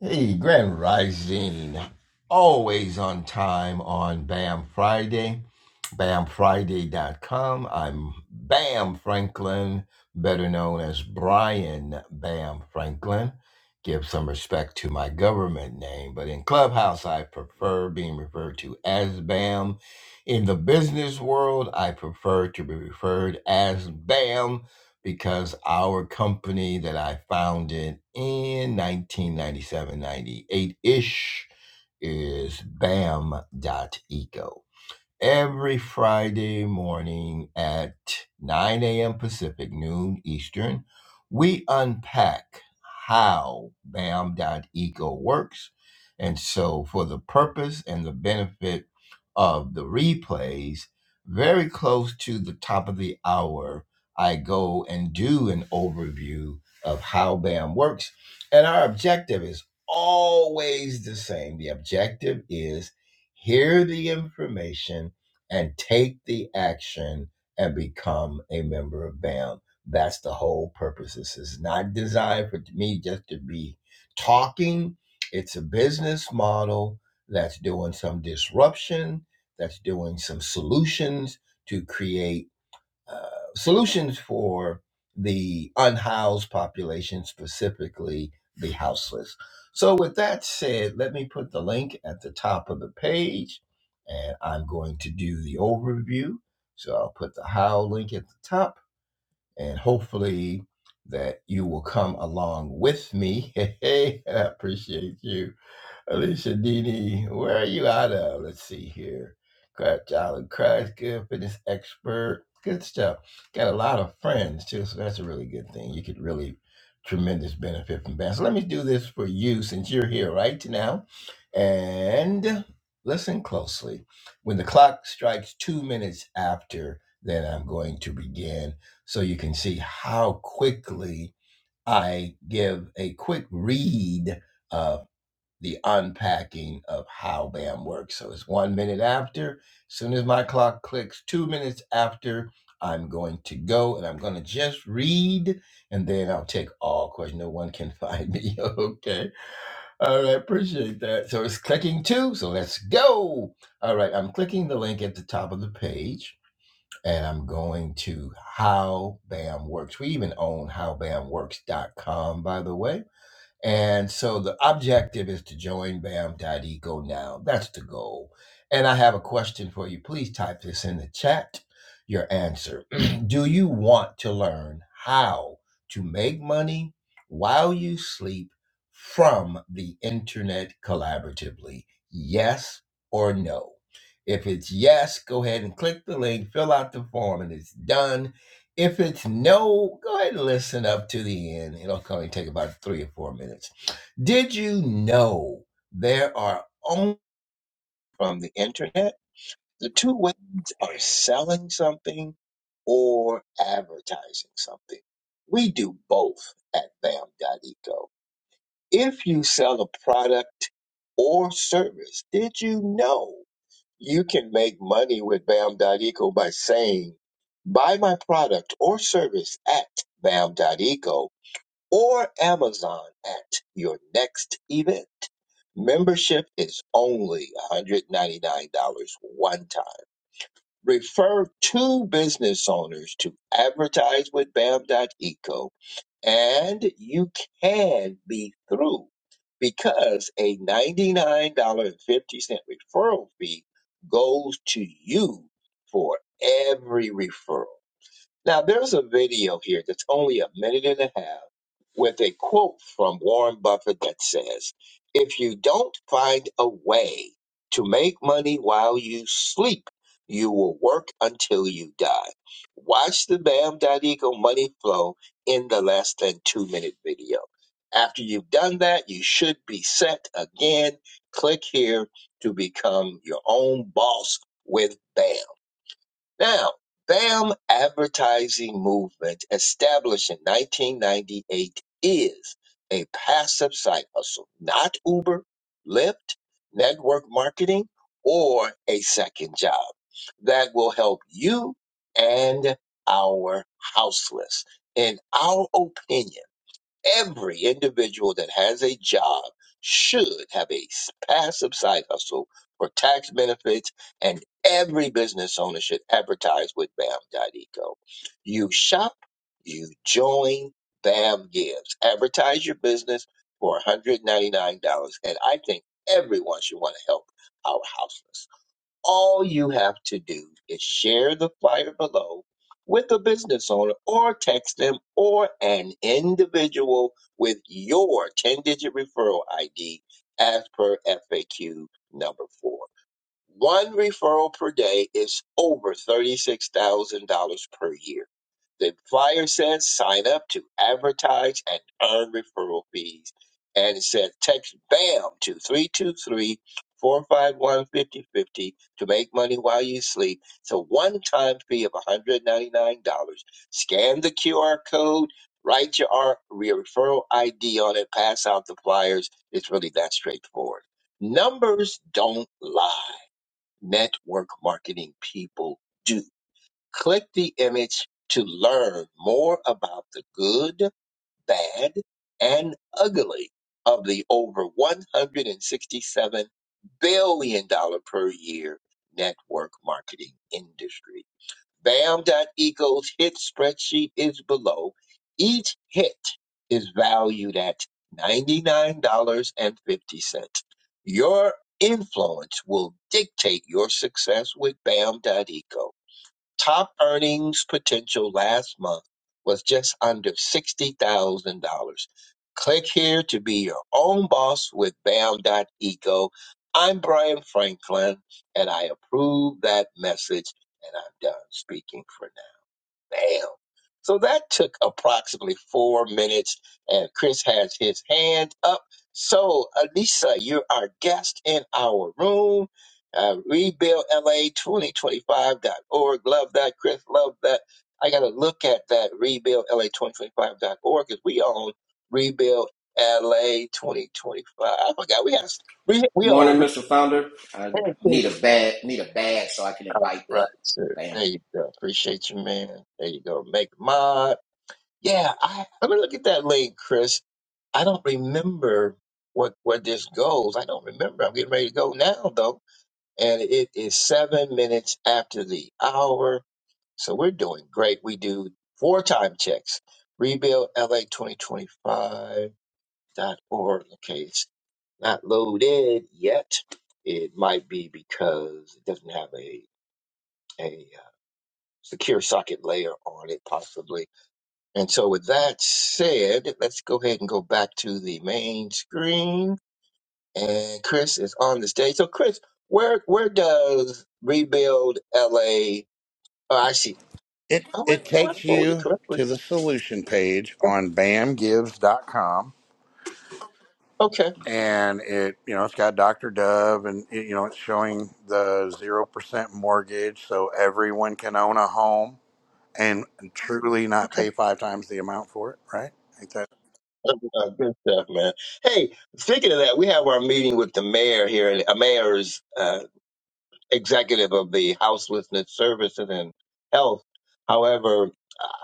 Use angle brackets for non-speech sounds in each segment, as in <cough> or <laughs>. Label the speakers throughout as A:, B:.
A: Hey, Grand Rising. Always on time on B A M Friday, BAM Friday. BAMFriday.com. I'm BAM Franklin, better known as Brian BAM Franklin. Give some respect to my government name, but in Clubhouse, I prefer being referred to as BAM. In the business world, I prefer to be referred as BAM because our company that I founded in 1997, 98 ish is Bam Dot Eco every Friday morning at 9 a.m. Pacific, noon Eastern, we unpack how BAM.eco works. And so, for the purpose and the benefit of the replays, very close to the top of the hour, I go and do an overview of how BAM works. And our objective is always the same. The objective is hear the information and take the action and become a member of BAM. That's the whole purpose. This is not designed for me just to be talking. It's a business model that's doing some disruption, that's doing some solutions to create uh, solutions for the unhoused population, specifically the houseless. So, with that said, let me put the link at the top of the page and I'm going to do the overview. So, I'll put the how link at the top and hopefully that you will come along with me. <laughs> Hey, I appreciate you Alicia Didi, where are you out of? Let's see here. Craft Island Crash, good fitness expert. Good stuff. Got a lot of friends too, so that's a really good thing. You could really tremendous benefit from that. So let me do this for you since you're here right now. And listen closely. When the clock strikes two minutes after, then I'm going to begin so you can see how quickly I give a quick read uh, the unpacking of how BAM works. So it's one minute after. As soon as my clock clicks, two minutes after, I'm going to go and I'm going to just read and then I'll take all questions. No one can find me. <laughs> okay. All right. Appreciate that. So it's clicking two. So let's go. All right. I'm clicking the link at the top of the page and I'm going to How BAM Works. We even own HowBAMWorks.com, by the way. And so the objective is to join BAM.eco now. That's the goal. And I have a question for you. Please type this in the chat, your answer. <clears throat> Do you want to learn how to make money while you sleep from the internet collaboratively? Yes or no? If it's yes, go ahead and click the link, fill out the form, and it's done. If it's no, go ahead and listen up to the end. It'll only take about three or four minutes. Did you know there are only from the internet? The two ways are selling something or advertising something. We do both at BAM.eco. If you sell a product or service, did you know you can make money with BAM.eco by saying, buy my product or service at BAM.eco or Amazon at your next event. Membership is only $199 one time. Refer two business owners to advertise with Bam dot Eco, and you can be through because a $99.50 referral fee goes to you for every referral. Now, there's a video here that's only a minute and a half with a quote from Warren Buffett that says, If you don't find a way to make money while you sleep, you will work until you die. Watch the Bam Eagle money flow in the less than two minute video. After you've done that, you should be set again. Click here to become your own boss with BAM. Now, BAM advertising movement established in 1998 is a passive side hustle, not Uber, Lyft, network marketing, or a second job that will help you and our houseless. In our opinion, every individual that has a job should have a s- passive side hustle for tax benefits and every business owner should advertise with Bam dot Eco. you shop you join bam gives advertise your business for $199 and i think everyone should want to help our houseless all you have to do is share the flyer below with a business owner or text them or an individual with your 10 digit referral ID as per FAQ number four. One referral per day is over $36,000 per year. The flyer says sign up to advertise and earn referral fees. And it says text BAM to three two three four five one fifty fifty to make money while you sleep. It's a one time fee of $199. Scan the QR code, write your, R- your referral ID on it, pass out the flyers. It's really that straightforward. Numbers don't lie network marketing people do. Click the image to learn more about the good, bad, and ugly of the over $167 billion dollars per year network marketing industry. BAM.eco's hit spreadsheet is below. Each hit is valued at $99.50. Your influence will dictate your success with BAM.eco. Top earnings potential last month was just under $60,000. Click here to be your own boss with BAM.eco. I'm Brian Franklin, and I approve that message, and I'm done speaking for now. Bam. So that took approximately four minutes, and Chris has his hand up. So, Anissa, you're our guest in our room. Uh, RebuildLA2025.org. Love that, Chris. Love that. I got to look at that, RebuildLA2025.org, because we own Rebuild LA 2025. I forgot we have we we
B: Morning,
A: own
B: Mr. Founder. I
A: retention.
B: need a bag, need a bag so I can invite
A: Right,
B: up.
A: sir.
B: Bam.
A: There you go. Appreciate you, man. There you go. Make mine. Yeah, I, let me look at that link, Chris. I don't remember what where this goes. I don't remember. I'm getting ready to go now though, and it is seven minutes after the hour, so we're doing great. We do four time checks. RebuildLA2025.org. Okay, it's not loaded yet. It might be because it doesn't have a a uh, secure socket layer on it, possibly and so, with that said, let's go ahead and go back to the main screen. And Chris is on the stage. So, Chris, where where does Rebuild LA? Oh, I see.
C: It
A: Oh, wait,
C: it
A: oh, I
C: takes
A: pulled it
C: you
A: correctly.
C: to the solution page
A: Oh,
C: on bamgives.com
A: Okay,
C: and it you know it's got Dr. Dove and it, you know it's showing the 0% mortgage so everyone can own a home and truly not
A: okay.
C: pay five times the amount for it, right? Ain't that
A: Uh, Good stuff, man. Hey, speaking of that, we have our meeting with the mayor here, uh, mayors. uh, executive of the Houselessness Services and Health. However,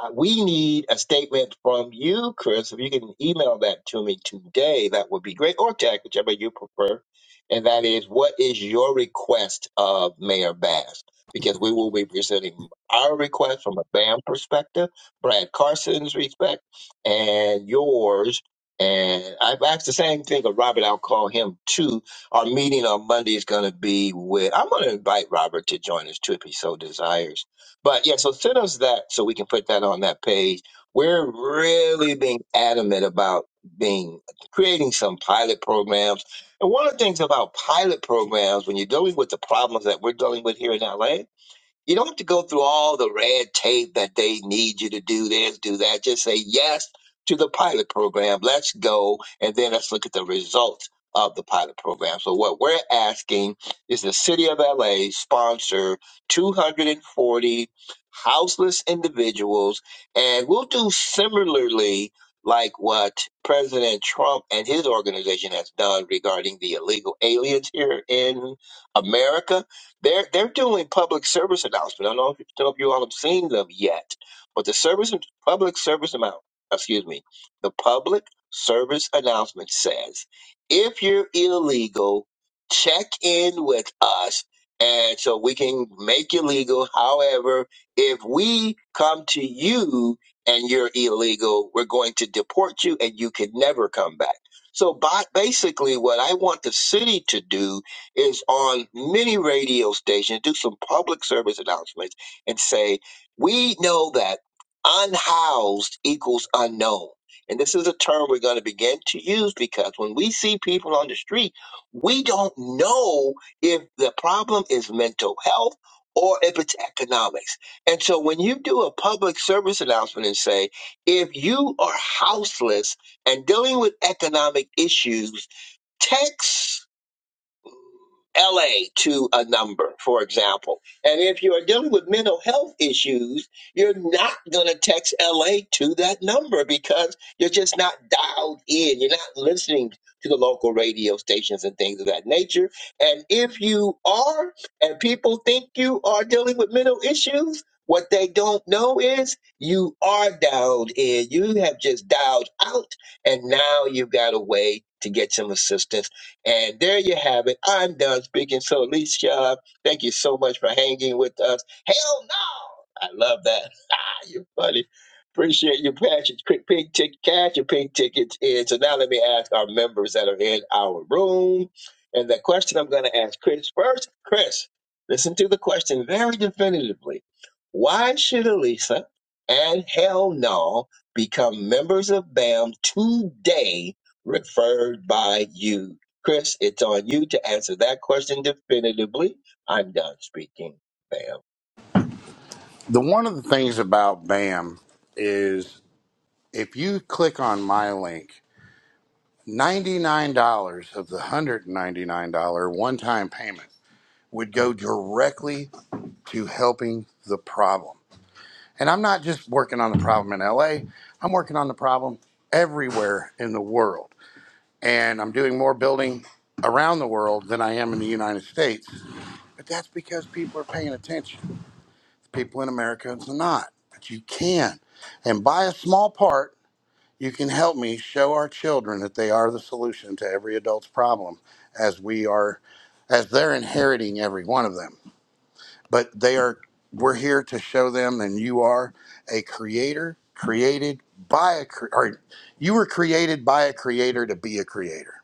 A: uh, we need a statement from you, Chris. If you can email that to me today, that would be great, or text, whichever you prefer. And that is, what is your request of Mayor Bass? Because we will be presenting our request from a BAM perspective, Brad Carson's respect, and yours. And I've asked the same thing of Robert. I'll call him too our meeting on Monday is going to be with, I'm going to invite Robert to join us too if he so desires. But yeah, so send us that so we can put that on that page. We're really being adamant about being creating some pilot programs. And one of the things about pilot programs, when you're dealing with the problems that we're dealing with here in LA, you don't have to go through all the red tape that they need you to do this, do that. Just say yes to the pilot program. Let's go. And then let's look at the results of the pilot program. So what we're asking is the city of LA sponsor 240 houseless individuals. And we'll do similarly like what President Trump and his organization has done regarding the illegal aliens here in America they're they're doing public service announcement. I don't know if, don't know if you all have seen them yet, but the service public service amount, excuse me, the public service announcement says, if you're illegal, check in with us, and so we can make you legal. However, if we come to you and you're illegal, we're going to deport you, and you can never come back. So, by, basically, what I want the city to do is on many radio stations do some public service announcements and say, we know that unhoused equals unknown. And this is a term we're going to begin to use because when we see people on the street, we don't know if the problem is mental health or if it's economics. And so when you do a public service announcement and say, if you are houseless and dealing with economic issues, text LA to a number, for example. And if you're dealing with mental health issues, you're not going to text LA to that number because you're just not dialed in. You're not listening to the local radio stations and things of that nature. And if you are, and people think you are dealing with mental issues, what they don't know is you are dialed in. You have just dialed out, and now you've got a way to get some assistance and there you have it. I'm done speaking. So, Alicia, thank you so much for hanging with us. Hell no! I love that. <laughs> Ah, you're funny. Appreciate your passion. Quick pink ticket, cash your pink tickets in. So now let me ask our members that are in our room. And the question I'm going to ask Chris first. Chris, listen to the question very definitively. Why should Elisa and Hell No become members of BAM today referred by you? Chris, it's on you to answer that question definitively. I'm done speaking, ma'am.
C: The one of the things about BAM is if you click on my link, $99 of the $199 one-time payment would go directly to helping the problem. And I'm not just working on the problem in LA, I'm working on the problem everywhere in the world. And I'm doing more building around the world than I am in the United States. But that's because people are paying attention. People in America are not. But you can. And by a small part, you can help me show our children that they are the solution to every adult's problem as we are as they're inheriting every one of them. but they are we're here to show them and you are a creator created by a cre- or you were created by a creator to be a creator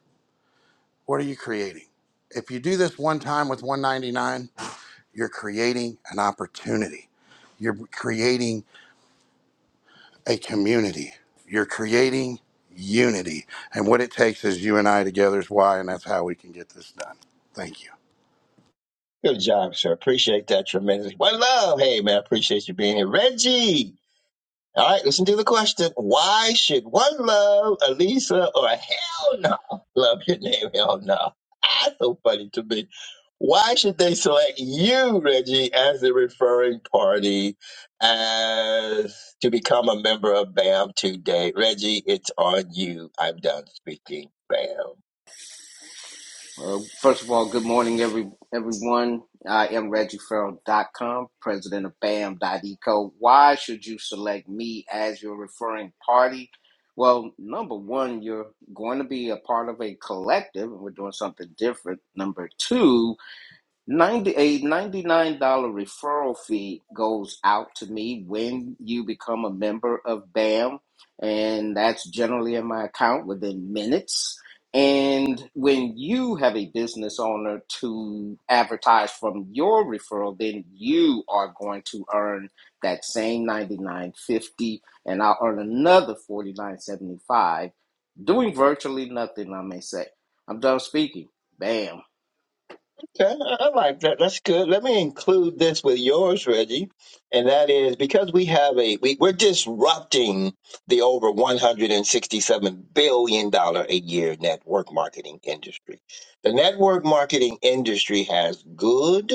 C: what are you creating if you do this one time with 199 you're creating an opportunity you're creating a community you're creating unity and what it takes is you and i together is why and that's how we can get this done thank you
A: Good job, sir. Appreciate that tremendously. Well, love. Hey, man, appreciate you being here. Reggie. All right, listen to the question. Why should one love Elisa or hell no? Love your name, hell no. That's so funny to me. Why should they select you, Reggie, as the referring party as to become a member of BAM today? Reggie, it's on you. I'm done speaking. BAM.
B: Well, first of all, good morning, every everyone. I am Reggie Farrell dot com, president of BAM.eco. Why should you select me as your referring party? Well, number one, you're going to be a part of a collective, and we're doing something different. Number two, Ninety a $99 referral fee goes out to me when you become a member of BAM, and that's generally in my account within minutes. And when you have a business owner to advertise from your referral, then you are going to earn that same ninety nine fifty, and I'll earn another forty nine seventy five, doing virtually nothing, I may say. I'm done speaking. Bam.
A: <laughs> Okay, I I like that. That's good. Let me include this with yours, Reggie, and that is because we have a we, we're disrupting the over one hundred and sixty-seven billion dollar a year network marketing industry. The network marketing industry has good,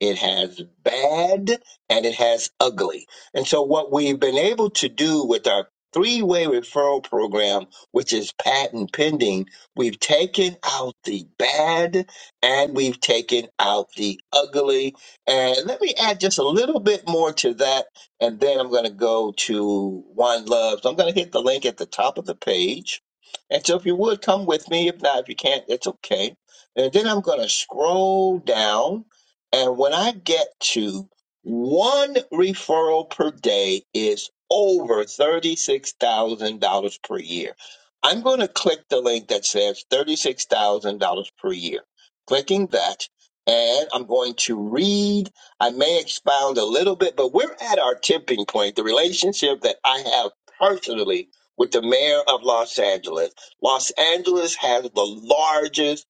A: it has bad, and it has ugly. And so, what we've been able to do with our three-way referral program, which is patent pending, we've taken out the bad and we've taken out the ugly. And let me add just a little bit more to that, and then I'm going to go to One Love. So I'm going to hit the link at the top of the page. And so if you would come with me, if not, if you can't, it's okay. And then I'm going to scroll down, and when I get to one referral per day is over $36,000 per year. I'm going to click the link that says $36,000 per year clicking that and I'm going to read. I may expound a little bit, but we're at our tipping point. The relationship that I have personally with the mayor of Los Angeles. Los Angeles has the largest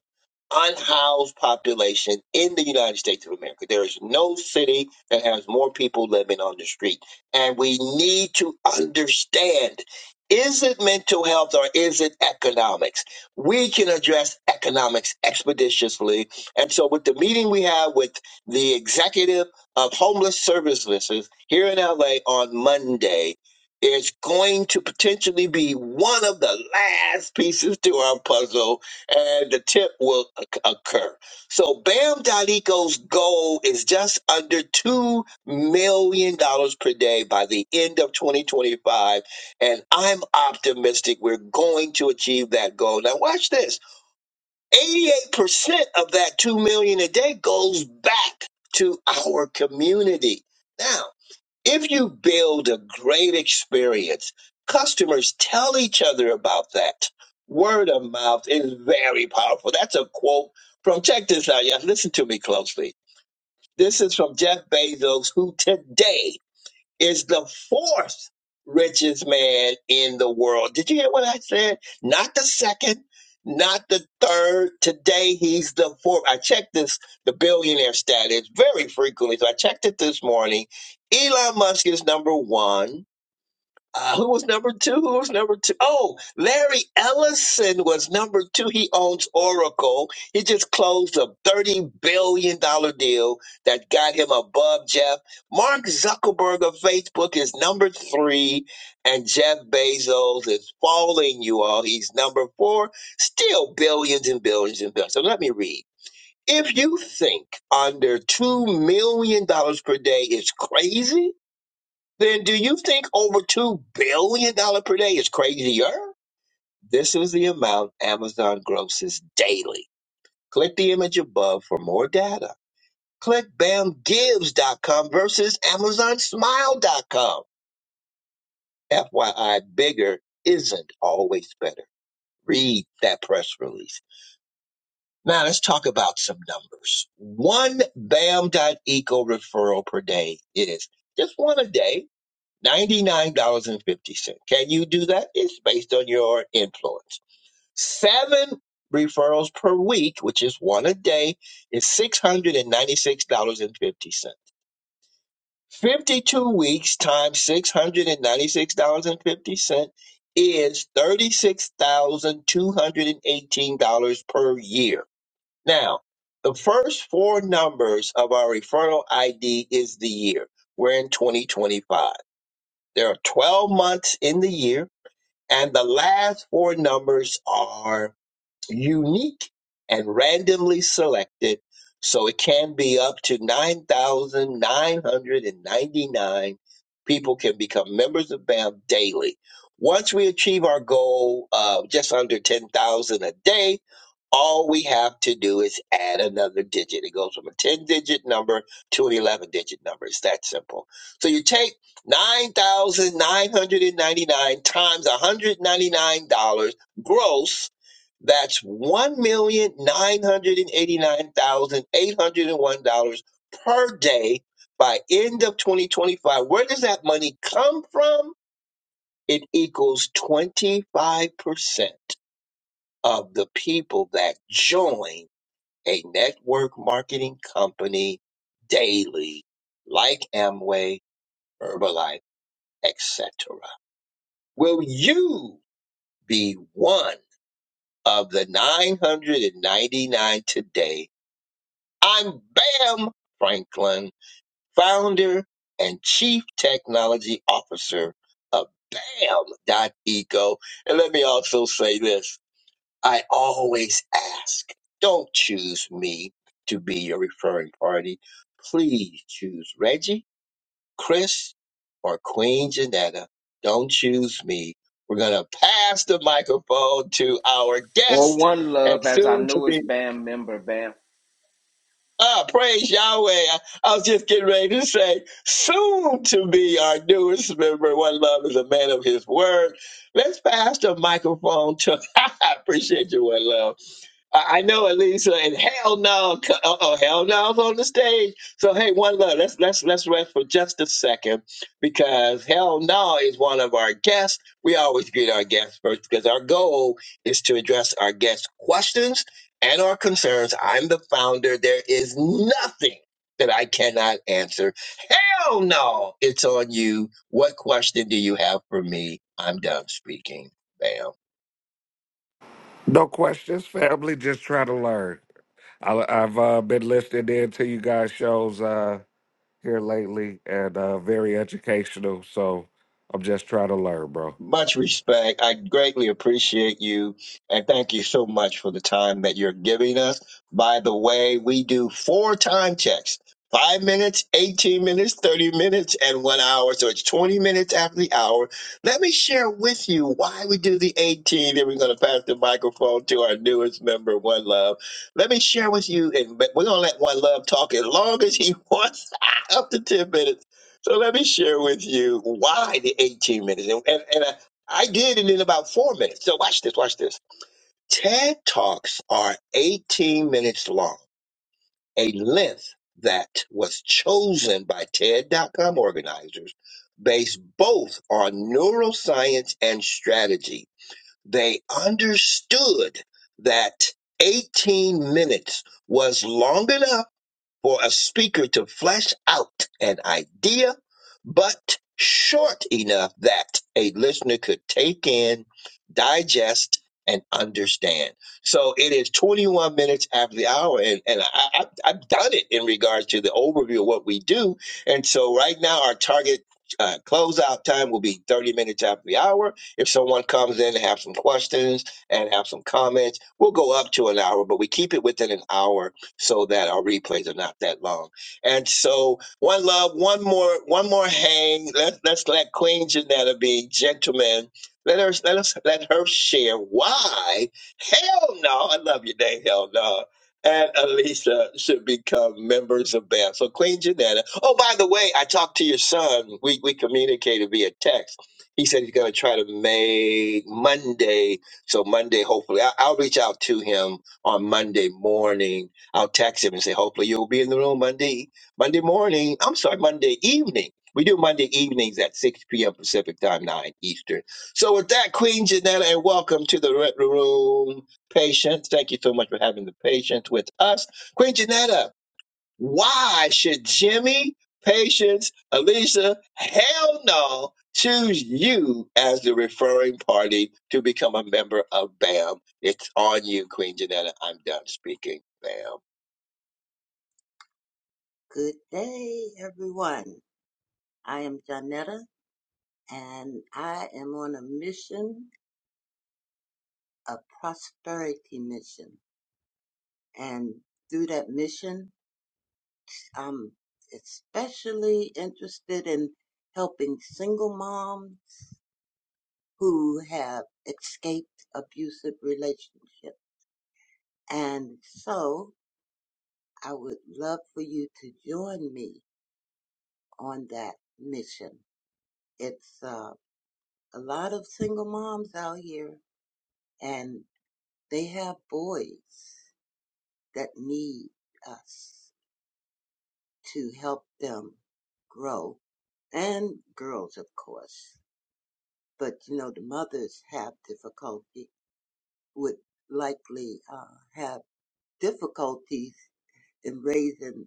A: unhoused population in the United States of America. There is no city that has more people living on the street. And we need to understand is it mental health or is it economics? We can address economics expeditiously. And so, with the meeting we have with the executive of homeless services here in LA on Monday, is going to potentially be one of the last pieces to our puzzle and the tip will oc- occur. So Bam Dalico's goal is just under $2 million dollars per day by the end of 2025. And I'm optimistic we're going to achieve that goal. Now watch this. 88% of that 2 million a day goes back to our community. Now, if you build a great experience, customers tell each other about that. Word of mouth is very powerful. That's a quote from, check this out, y'all. Listen to me closely. This is from Jeff Bezos, who today is the fourth richest man in the world. Did you hear what I said? Not the second, not the third. Today he's the fourth. I checked this, the billionaire status very frequently. So I checked it this morning. Elon Musk is number one. Uh, who was number two? Who was number two? Oh, Larry Ellison was number two. He owns Oracle. He just closed a $30 billion dollars deal that got him above Jeff. Mark Zuckerberg of Facebook is number three, and Jeff Bezos is falling, you all. He's number four, still billions and billions and billions. So let me read. If you think under $2 million dollars per day is crazy, then do you think over $2 billion dollars per day is crazier? This is the amount Amazon grosses daily. Click the image above for more data. Click bamgives.com versus amazonsmile.com. FYI, bigger isn't always better. Read that press release. Now let's talk about some numbers. One Bam dot Eco referral per day is just one a day $99.50. Can you do that? It's based on your influence. Seven referrals per week, which is one a day, is $696.50. 52 weeks times $696.50 is $36,218 per year. Now, the first four numbers of our referral ID is the year. We're in 2025. There are 12 months in the year, and the last four numbers are unique and randomly selected, so it can be up to 9,999 people can become members of BAM daily. Once we achieve our goal of just under 10,000 a day, all we have to do is add another digit. It goes from a 10 digit number to an 11 digit number. It's that simple. So you take 9,999 times $199 gross that's $1,989,801 per day by end of 2025. Where does that money come from? It equals 25% of the people that join a network marketing company daily, like Amway, Herbalife, etc. Will you be one of the 999 today I'm Bam Franklin, founder and chief technology officer of BAM.eco. And let me also say this I always ask, don't choose me to be your referring party. Please choose Reggie, Chris, or Queen Janetta. Don't choose me. We're going to pass the microphone to our
B: Or
A: guest
B: One
A: and
B: Love as our
A: soon to be.
B: newest band member, Bam.
A: Ah, praise Yahweh. I, I was just getting ready to say, soon to be our newest member, One Love is a man of his word. Let's pass the microphone to, <laughs> I appreciate you, One Love. I I know Elisa and hell no, uh oh, hell no is on the stage. So hey, one love. Let's let's let's rest for just a second because hell no is one of our guests. We always greet our guests first because our goal is to address our guests' questions and our concerns. I'm the founder. There is nothing that I cannot answer. Hell no, it's on you. What question do you have for me? I'm done speaking. Bam.
D: No questions, family. Just trying to learn. I, I've uh, been listening in to you guys' shows uh, here lately, and uh, very educational. So I'm just trying to learn, bro.
A: Much respect. I greatly appreciate you. And thank you so much for the time that you're giving us. By the way, we do four time checks five minutes, 18 minutes, 30 minutes, and one hour. So it's 20 minutes after the hour. Let me share with you why we do the 18. Then we're going to pass the microphone to our newest member, One Love. Let me share with you, and but we're going to let One Love talk as long as he wants, <laughs> up to 10 minutes so let me share with you why the 18 minutes. And, and, and I, I did it in about four minutes. So watch this, watch this. TED Talks are 18 minutes long, a length that was chosen by TED dot com organizers based both on neuroscience and strategy. They understood that 18 minutes was long enough for a speaker to flesh out an idea, but short enough that a listener could take in, digest, and understand. So it is 21 minutes after the hour, and, and I, I, I've done it in regards to the overview of what we do. And so right now, our target uh, closeout time will be 30 minutes after the hour. If someone comes in and have some questions and have some comments, we'll go up to an hour, but we keep it within an hour so that our replays are not that long. And so, one love, one more, one more hang. Let's let's let Queen Janetta be gentlemen. Let her let us let her share why. Hell no, I love you, Dave. Hell no. And Alicia should become members of BAM. So Queen Janetta. Oh, by the way, I talked to your son. We we communicated via text. He said he's gonna try to make Monday. So Monday, hopefully, I, I'll reach out to him on Monday morning I'll text him and say, hopefully you'll be in the room Monday, Monday morning. I'm sorry, Monday evening. We do Monday evenings at 6 p.m. Pacific time, 9 Eastern. So with that, Queen Janetta, and welcome to the Red Room Patience. Thank you so much for having the patience with us. Queen Janetta, why should Jimmy, Patience, Alicia, hell no, choose you as the referring party to become a member of BAM? It's on you, Queen Janetta. I'm done speaking, BAM.
E: Good day, everyone. I am Janetta, and I am on a mission, a prosperity mission. And through that mission, I'm especially interested in helping single moms who have escaped abusive relationships. And so I would love for you to join me on that mission. It's uh, a lot of single moms out here, and They have boys that need us to help them grow and girls, of course. But you know, the mothers have difficulty, would likely uh, have difficulties in raising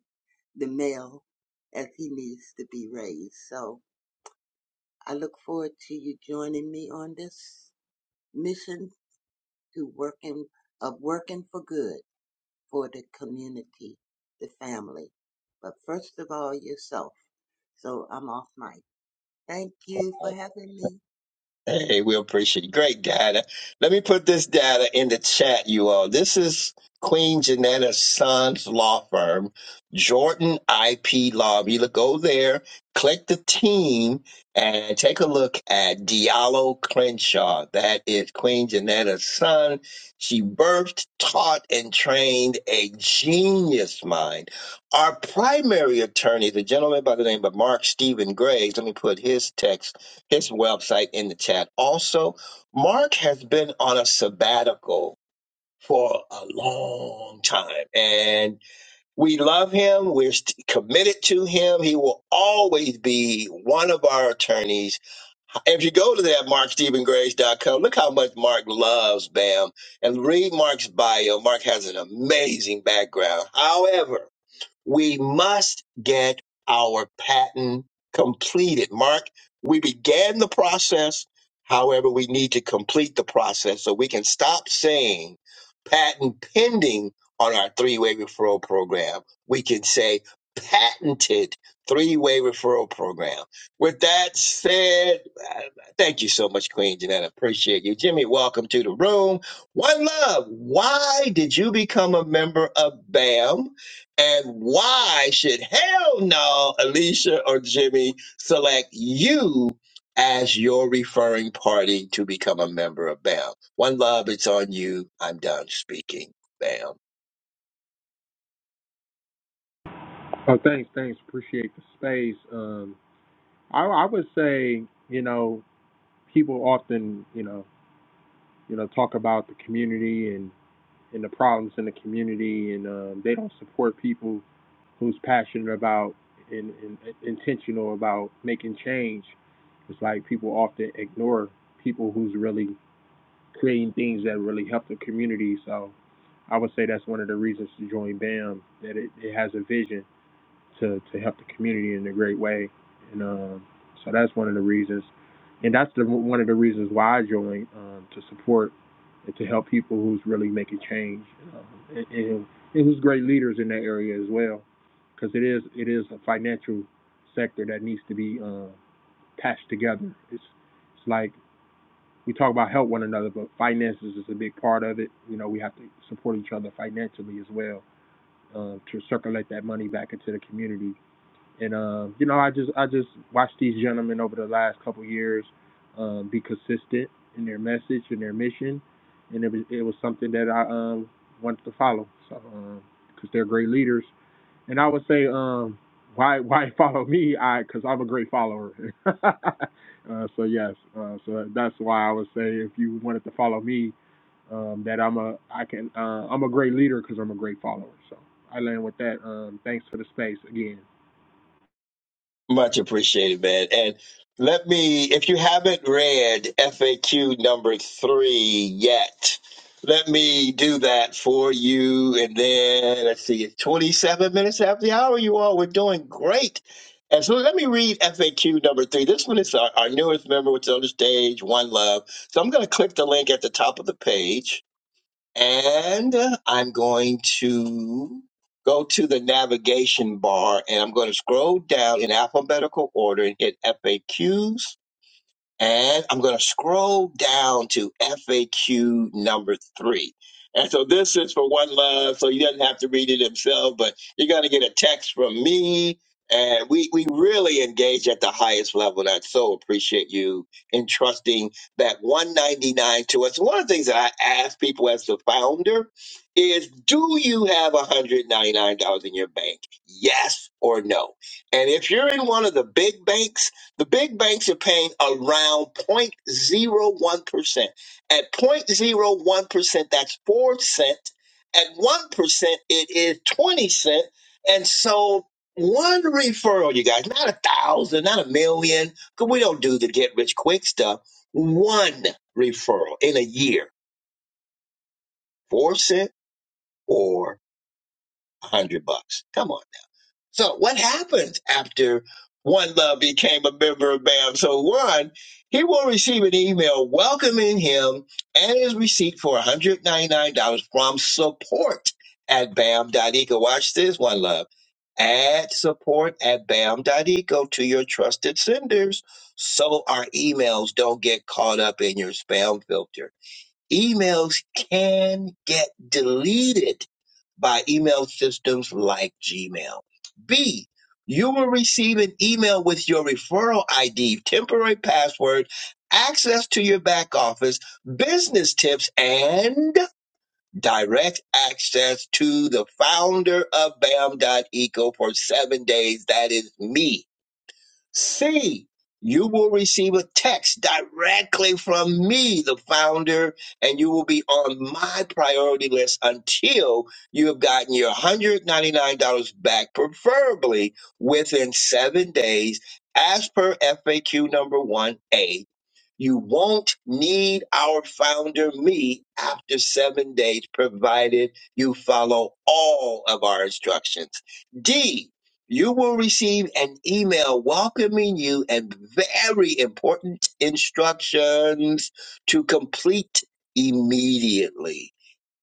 E: the male as he needs to be raised. So I look forward to you joining me on this mission to working of working for good. for the community, the family, but first of all, yourself. So I'm off mic. Thank you for having me.
A: Hey, we appreciate it. Great data. Let me put this data in the chat, you all. This is Queen Janetta Sons Law Firm, Jordan IP Law. If You look go there, click the team, and take a look at Diallo Crenshaw. That is Queen Janetta's son. She birthed, taught, and trained a genius mind. Our primary attorney, the gentleman by the name of Mark Stephen Graves, let me put his text his website in the chat. Also, Mark has been on a sabbatical for a long time, and we love him. We're st- committed to him. He will always be one of our attorneys. If you go to that mark stephen grace dot com, look how much Mark loves BAM and read Mark's bio. Mark has an amazing background. However, we must get our patent completed. Mark, we began the process. However, we need to complete the process so we can stop saying patent pending on our three way referral program. We can say patented three way referral program. With that said, uh, thank you so much, Queen Jeanette. I appreciate you. Jimmy, welcome to the room. One love. Why did you become a member of BAM? And why should hell no Alicia or Jimmy select you as your referring party to become a member of BAM? One love, it's on you. I'm done speaking. BAM.
F: Oh, thanks, thanks. Appreciate the space. Um, I, I would say, you know, people often, you know, you know, talk about the community and and the problems in the community, and um, they don't support people who's passionate about and, and intentional about making change. It's like people often ignore people who's really creating things that really help the community. So I would say that's one of the reasons to join BAM that it, it has a vision to to help the community in a great way, and um, so that's one of the reasons, and that's the one of the reasons why I joined um, to support and to help people who's really making change, um, and, and, and who's great leaders in that area as well, because it is it is a financial sector that needs to be uh, patched together. It's it's like we talk about help one another, but finances is a big part of it. You know, we have to support each other financially as well uh, to circulate that money back into the community and uh, you know, I just I just watched these gentlemen over the last couple of years um, be consistent in their message and their mission, and it was it was something that I um, wanted to follow. So because um, they're great leaders, and I would say um, why why <laughs> follow me? I because I'm a great follower. <laughs> uh, so yes, uh, so that's why I would say if you wanted to follow me, um, that I'm a I can uh, I'm a great leader because I'm a great follower. So I land with that. Um, thanks for the space again.
A: Much appreciated, man. And let me, if you haven't read FAQ number three yet, let me do that for you. And then let's see, it's 27 minutes after the hour. You all we're doing great. And so let me read FAQ number three. This one is our, our newest member, which is on the stage, One Love. So I'm going to click the link at the top of the page and I'm going to go to the navigation bar and I'm going to scroll down in alphabetical order and hit FAQs. And I'm going to scroll down to FAQ number three. And so this is for One Love, so you doesn't have to read it himself, but you're going to get a text from me. And we, we really engage at the highest level. And I so appreciate you entrusting that 199 to us. One of the things that I ask people as the founder is do you have $199 in your bank? Yes or no? And if you're in one of the big banks, the big banks are paying around 0.01%. At 0.01%, that's 4 cents. At 1%, it is 20 cents. And so one referral, you guys, not a thousand, not a million, because we don't do the get rich quick stuff. One referral in a year, 4 cents or 100 bucks. Come on. So what happens after One Love became a member of BAM? So one, he will receive an email welcoming him and his receipt for $199 from support at BAM.eco. Watch this, One Love. Add support at BAM.eco to your trusted senders so our emails don't get caught up in your spam filter. Emails can get deleted by email systems like Gmail. B, you will receive an email with your referral ID, temporary password, access to your back office, business tips, and direct access to the founder of Bam Eco for seven days. That is me. C, you will receive a text directly from me, the founder, and you will be on my priority list until you have gotten your $199 back, preferably within seven days, as per FAQ number 1A you won't need our founder, me, after seven days, provided you follow all of our instructions. D, you will receive an email welcoming you and very important instructions to complete immediately.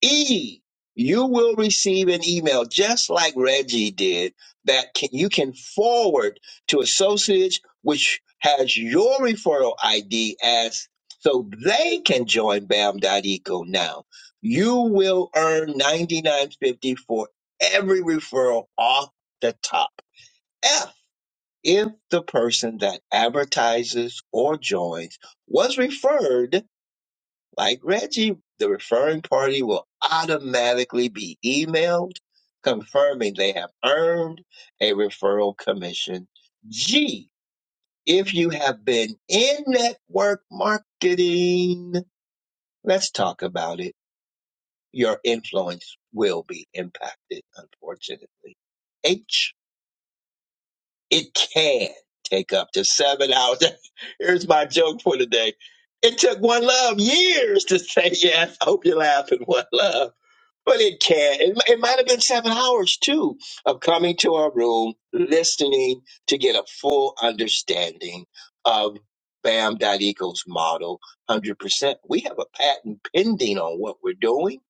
A: E, you will receive an email just like Reggie did that can, you can forward to associates, which has your referral ID as so they can join BAM.eco now. You will earn ninety nine fifty for every referral off the top. F, if the person that advertises or joins was referred like Reggie, the referring party will automatically be emailed confirming they have earned a referral commission. G, if you have been in network marketing, let's talk about it. Your influence will be impacted, unfortunately. H, it can take up to seven hours. <laughs> Here's my joke for today. It took one love years to say yes. <laughs> I hope you're laughing. One love. Well, it can. It, it might have been seven hours too of coming to our room, listening to get a full understanding of Bam Dot Bam.eco's model 100%. We have a patent pending on what we're doing.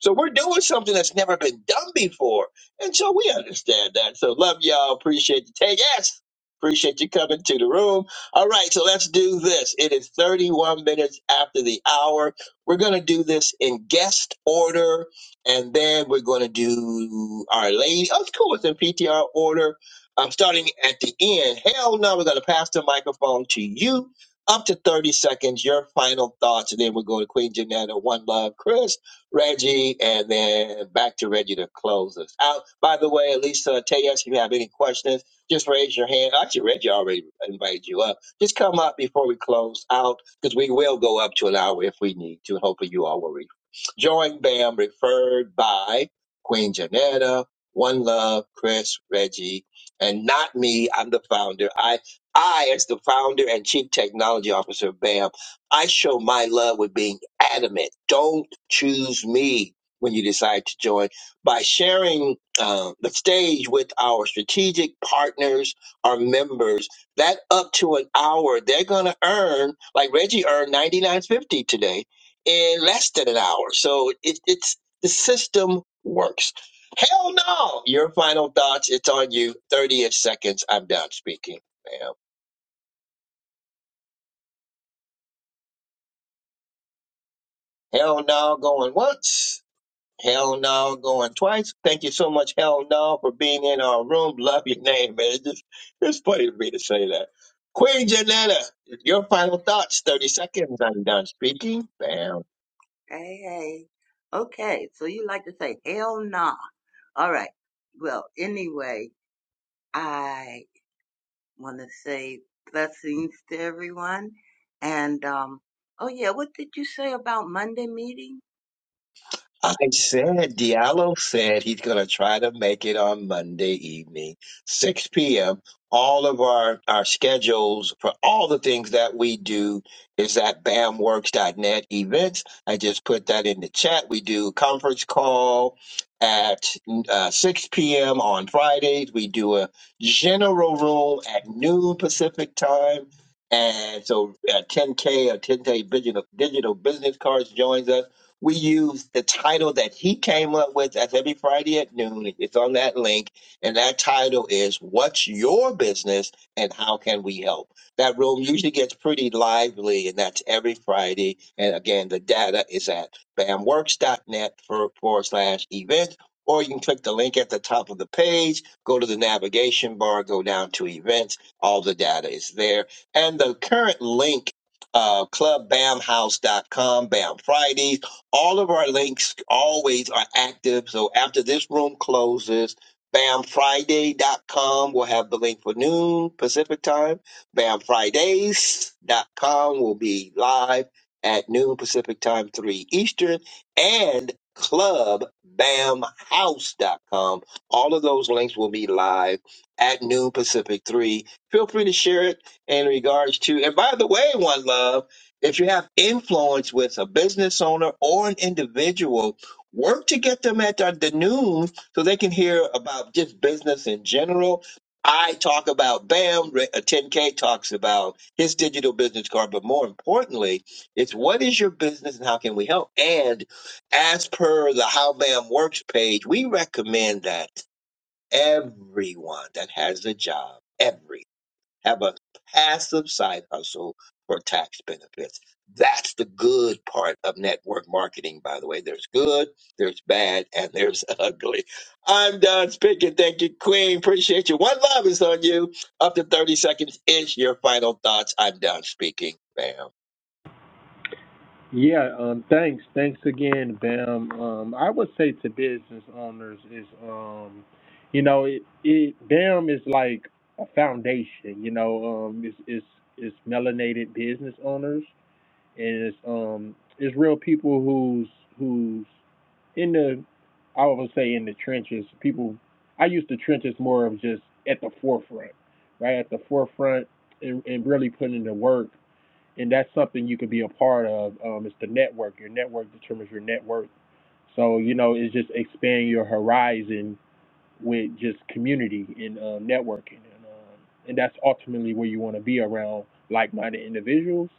A: So we're doing something that's never been done before. And so we understand that. So love y'all. Appreciate you. Take us. Appreciate you coming to the room. All right, so let's do this. It is 31 minutes after the hour. We're going to do this in guest order, and then we're going to do Our Lady. Oh, it's cool. It's in PTR order. I'm starting at the end. Hell no, we're going to pass the microphone to you. Up to 30 seconds, your final thoughts, and then we're going to Queen Janetta, One Love, Chris. Reggie, and then back to Reggie to close us out. By the way, Lisa, tell us if you have any questions, just raise your hand. Actually, Reggie already invited you up. Just come up before we close out because we will go up to an hour if we need to. And hopefully, you all will read. Join BAM, referred by Queen Janetta, One Love, Chris, Reggie, and not me. I'm the founder. I I, as the founder and chief technology officer of BAM, I show my love with being adamant. Don't choose me when you decide to join by sharing uh, the stage with our strategic partners our members that up to an hour they're going to earn like reggie earned 99.50 today in less than an hour so it, it's the system works hell no your final thoughts it's on you 30 seconds i'm done speaking ma'am hell no going once Hell no, going twice. Thank you so much, Hell no, for being in our room. Love your name, man. It's, just, it's funny to me to say that. Queen Janetta, your final thoughts. Thirty seconds. I'm done speaking. Bam.
E: Hey, hey. Okay, so you like to say hell nah. All right. Well, anyway, I want to say blessings to everyone. And, um, oh yeah, what did you say about Monday meeting?
A: I said Diallo said he's going to try to make it on Monday evening, 6 p.m. All of our, our schedules for all the things that we do is at bamworks.net events. I just put that in the chat. We do conference call at uh, 6 p.m. on Fridays. We do a general room at noon Pacific time. And so uh, 10K or 10K digital, digital business cards joins us we use the title that he came up with. That's every Friday at noon. It's on that link. And that title is What's Your Business and How Can We Help? That room usually gets pretty lively, and that's every Friday. And again, the data is at bamworks.net for, forward slash events. Or you can click the link at the top of the page, go to the navigation bar, go down to events. All the data is there. And the current link, uh, clubbamhouse.com, Bam house dot com, Bam Fridays all of our links always are active. So after this room closes, bam friday dot com will have the link for noon Pacific time. bam fridays dot com will be live at noon Pacific time, 3 Eastern, and club bam house dot com. All of those links will be live at noon Pacific 3. Feel free to share it in regards to, and by the way, one love. If you have influence with a business owner or an individual, work to get them at the, the news so they can hear about just business in general. I talk about BAM, Re- uh, 10K talks about his digital business card, but more importantly, it's what is your business and how can we help? And as per the How BAM Works page, we recommend that everyone that has a job, everyone have a passive side hustle for tax benefits. That's the good part of network marketing, by the way. There's good, there's bad, and there's <laughs> ugly. I'm Don Spigot. Thank you, Queen. Appreciate you. One love is on you. Up to 30 seconds is your final thoughts. I'm Don speaking. Bam.
F: Yeah, um, thanks. Thanks again, Bam. Um, I would say to business owners is, um, you know, it, it Bam is like a foundation. You know, um, it's it's it's melanated business owners, and it's um it's real people who's who's in the, I would say in the trenches. People, I use the trenches more of just at the forefront, right at the forefront, and, and really putting in the work and that's something you can be a part of. Um, it's the network. Your network determines your net worth. So you know, it's just expanding your horizon with just community and uh, networking, and um, and that's ultimately where you want to be around like-minded individuals.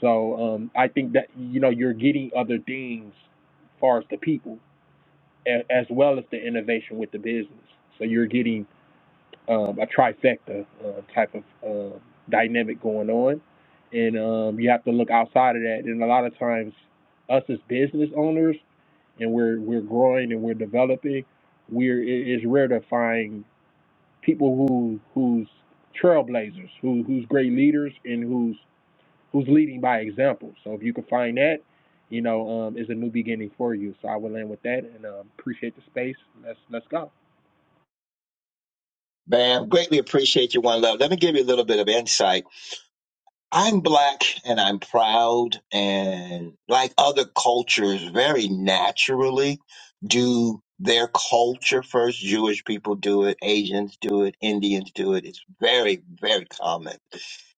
F: So um, I think that you know you're getting other things, as far as the people, as well as the innovation with the business. So you're getting um, a trifecta uh, type of uh, dynamic going on, and um, you have to look outside of that. And a lot of times, us as business owners, and we're we're growing and we're developing, we're it- it's rare to find people who who's trailblazers, who who's great leaders, and who's who's leading by example. So if you can find that, you know, um, is a new beginning for you. So I will end with that, and um, appreciate the space. Let's let's go.
A: Bam. Greatly appreciate you, One Love. Let me give you a little bit of insight I'm black and I'm proud and like other cultures very naturally do their culture first. Jewish people do it, Asians do it, Indians do it. It's very, very common.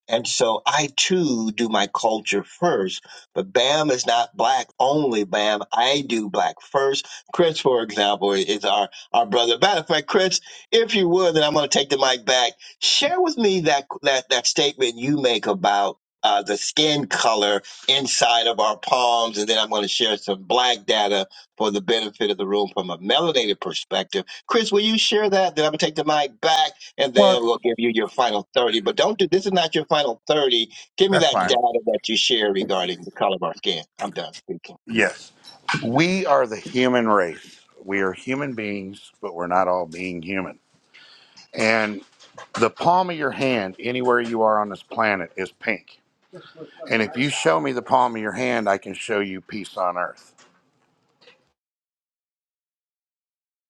A: And so I too do my culture first, but BAM is not black only, BAM. I do black first. Chris, for example, is our, our brother. Matter of fact, Chris, if you would, then I'm going to take the mic back Share with me that that that statement you make about uh, the skin color inside of our palms, and then I'm going to share some black data for the benefit of the room from a melanated perspective. Chris, will you share that? Then I'm going to take the mic back, and
C: well
A: then we'll give you your final 30. But don't do this is not your final 30. Give me
C: that's
A: that
C: fine
A: data that you share regarding the color of our skin. I'm done speaking.
C: Yes. We are the human race. We are human beings, but we're not all being human. And the palm of your hand, anywhere you are on this planet, is pink. And if you show me the palm of your hand, I can show you peace on earth.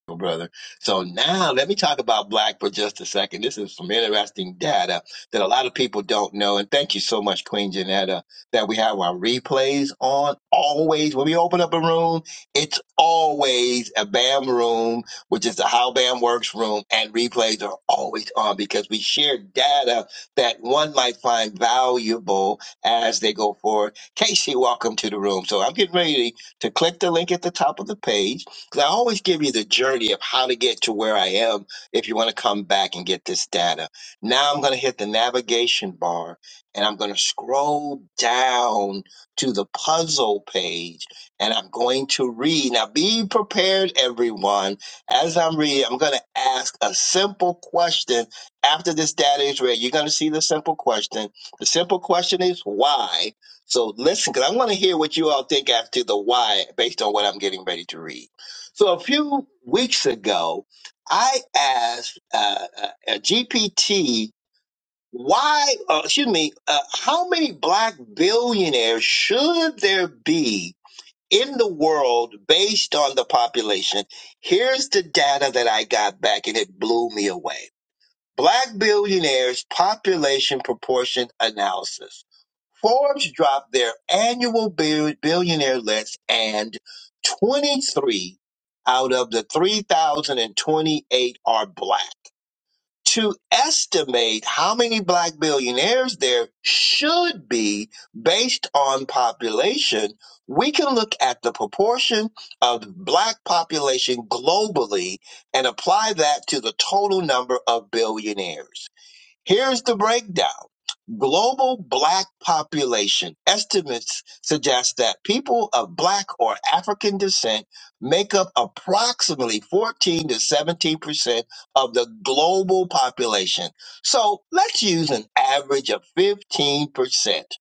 A: Oh, brother. So now let me talk about black for just a second. This is some interesting data that a lot of people don't know. And thank you so much, Queen Janetta, that we have our replays on always. When we open up a room, it's always a BAM room, which is the How BAM Works room, and replays are always on because we share data that one might find valuable as they go forward. Casey, welcome to the room. So I'm getting ready to click the link at the top of the page 'Cause I always give you the journey of how to get to where I am if you want to come back and get this data. Now I'm going to hit the navigation bar and I'm going to scroll down to the puzzle page and I'm going to read. Now be prepared, everyone. As I'm reading, I'm going to ask a simple question. After this data is read, you're going to see the simple question. The simple question is why? So listen, because I want to hear what you all think after the why based on what I'm getting ready to read. So a few weeks ago, I asked uh, a GPT why, uh, excuse me, uh, how many black billionaires should there be in the world based on the population? Here's the data that I got back, and it blew me away. Black billionaires population proportion analysis. Forbes dropped their annual bill- billionaire list, and 23 out of the 3,028 are black. To estimate how many black billionaires there should be based on population, we can look at the proportion of black population globally and apply that to the total number of billionaires. Here's the breakdown. Global black population estimates suggest that people of black or African descent make up approximately 14 to 17 percent of the global population. So let's use an average of 15 percent.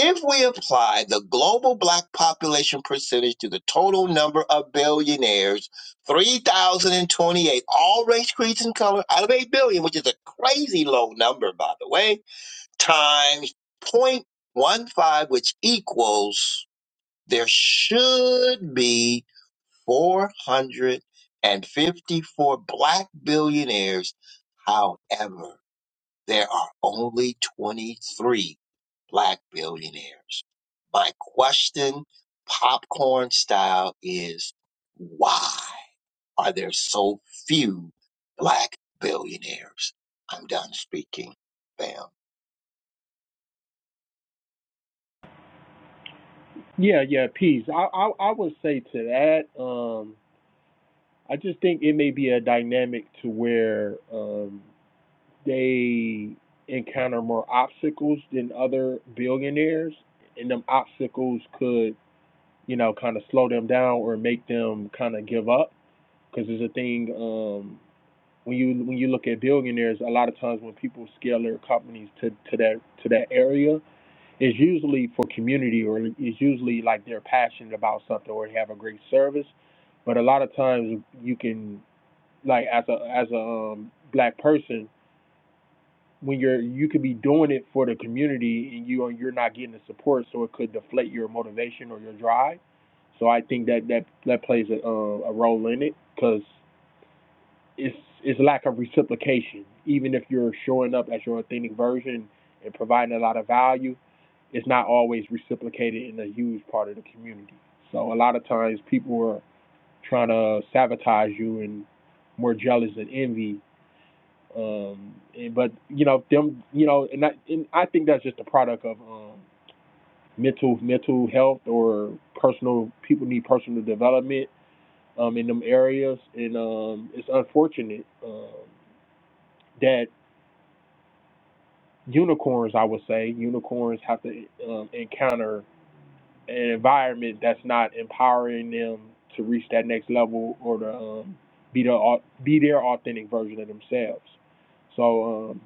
A: If we apply the global black population percentage to the total number of billionaires, 3,028, all race, creeds, and color out of 8 billion, which is a crazy low number, by the way times 0.15, which equals there should be 454 black billionaires. However, there are only 23 black billionaires. My question, popcorn style, is why are there so few black billionaires? I'm done speaking. Bam.
F: Yeah, yeah, peace. I, I I would say to that, um, I just think it may be a dynamic to where um, they encounter more obstacles than other billionaires, and them obstacles could, you know, kind of slow them down or make them kind of give up. Because there's a thing um, when you when you look at billionaires, a lot of times when people scale their companies to, to that to that area, it's usually for community or it's usually like they're passionate about something or they have a great service. But a lot of times you can like as a as a um, black person when you're you could be doing it for the community and you are you're not getting the support so it could deflate your motivation or your drive. So I think that that that plays a, uh, a role in it because it's it's lack of reciprocation. Even if you're showing up as your authentic version and providing a lot of value, it's not always reciprocated in a huge part of the community. So a lot of times people are trying to sabotage you and more jealous and envy. Um, and, but you know them, you know, and I, and I think that's just a product of um, mental mental health or personal people need personal development um, in them areas, and um, it's unfortunate um, that unicorns, I would say, unicorns have to um, encounter an environment that's not empowering them to reach that next level or to um, be the be their authentic version of themselves. So um,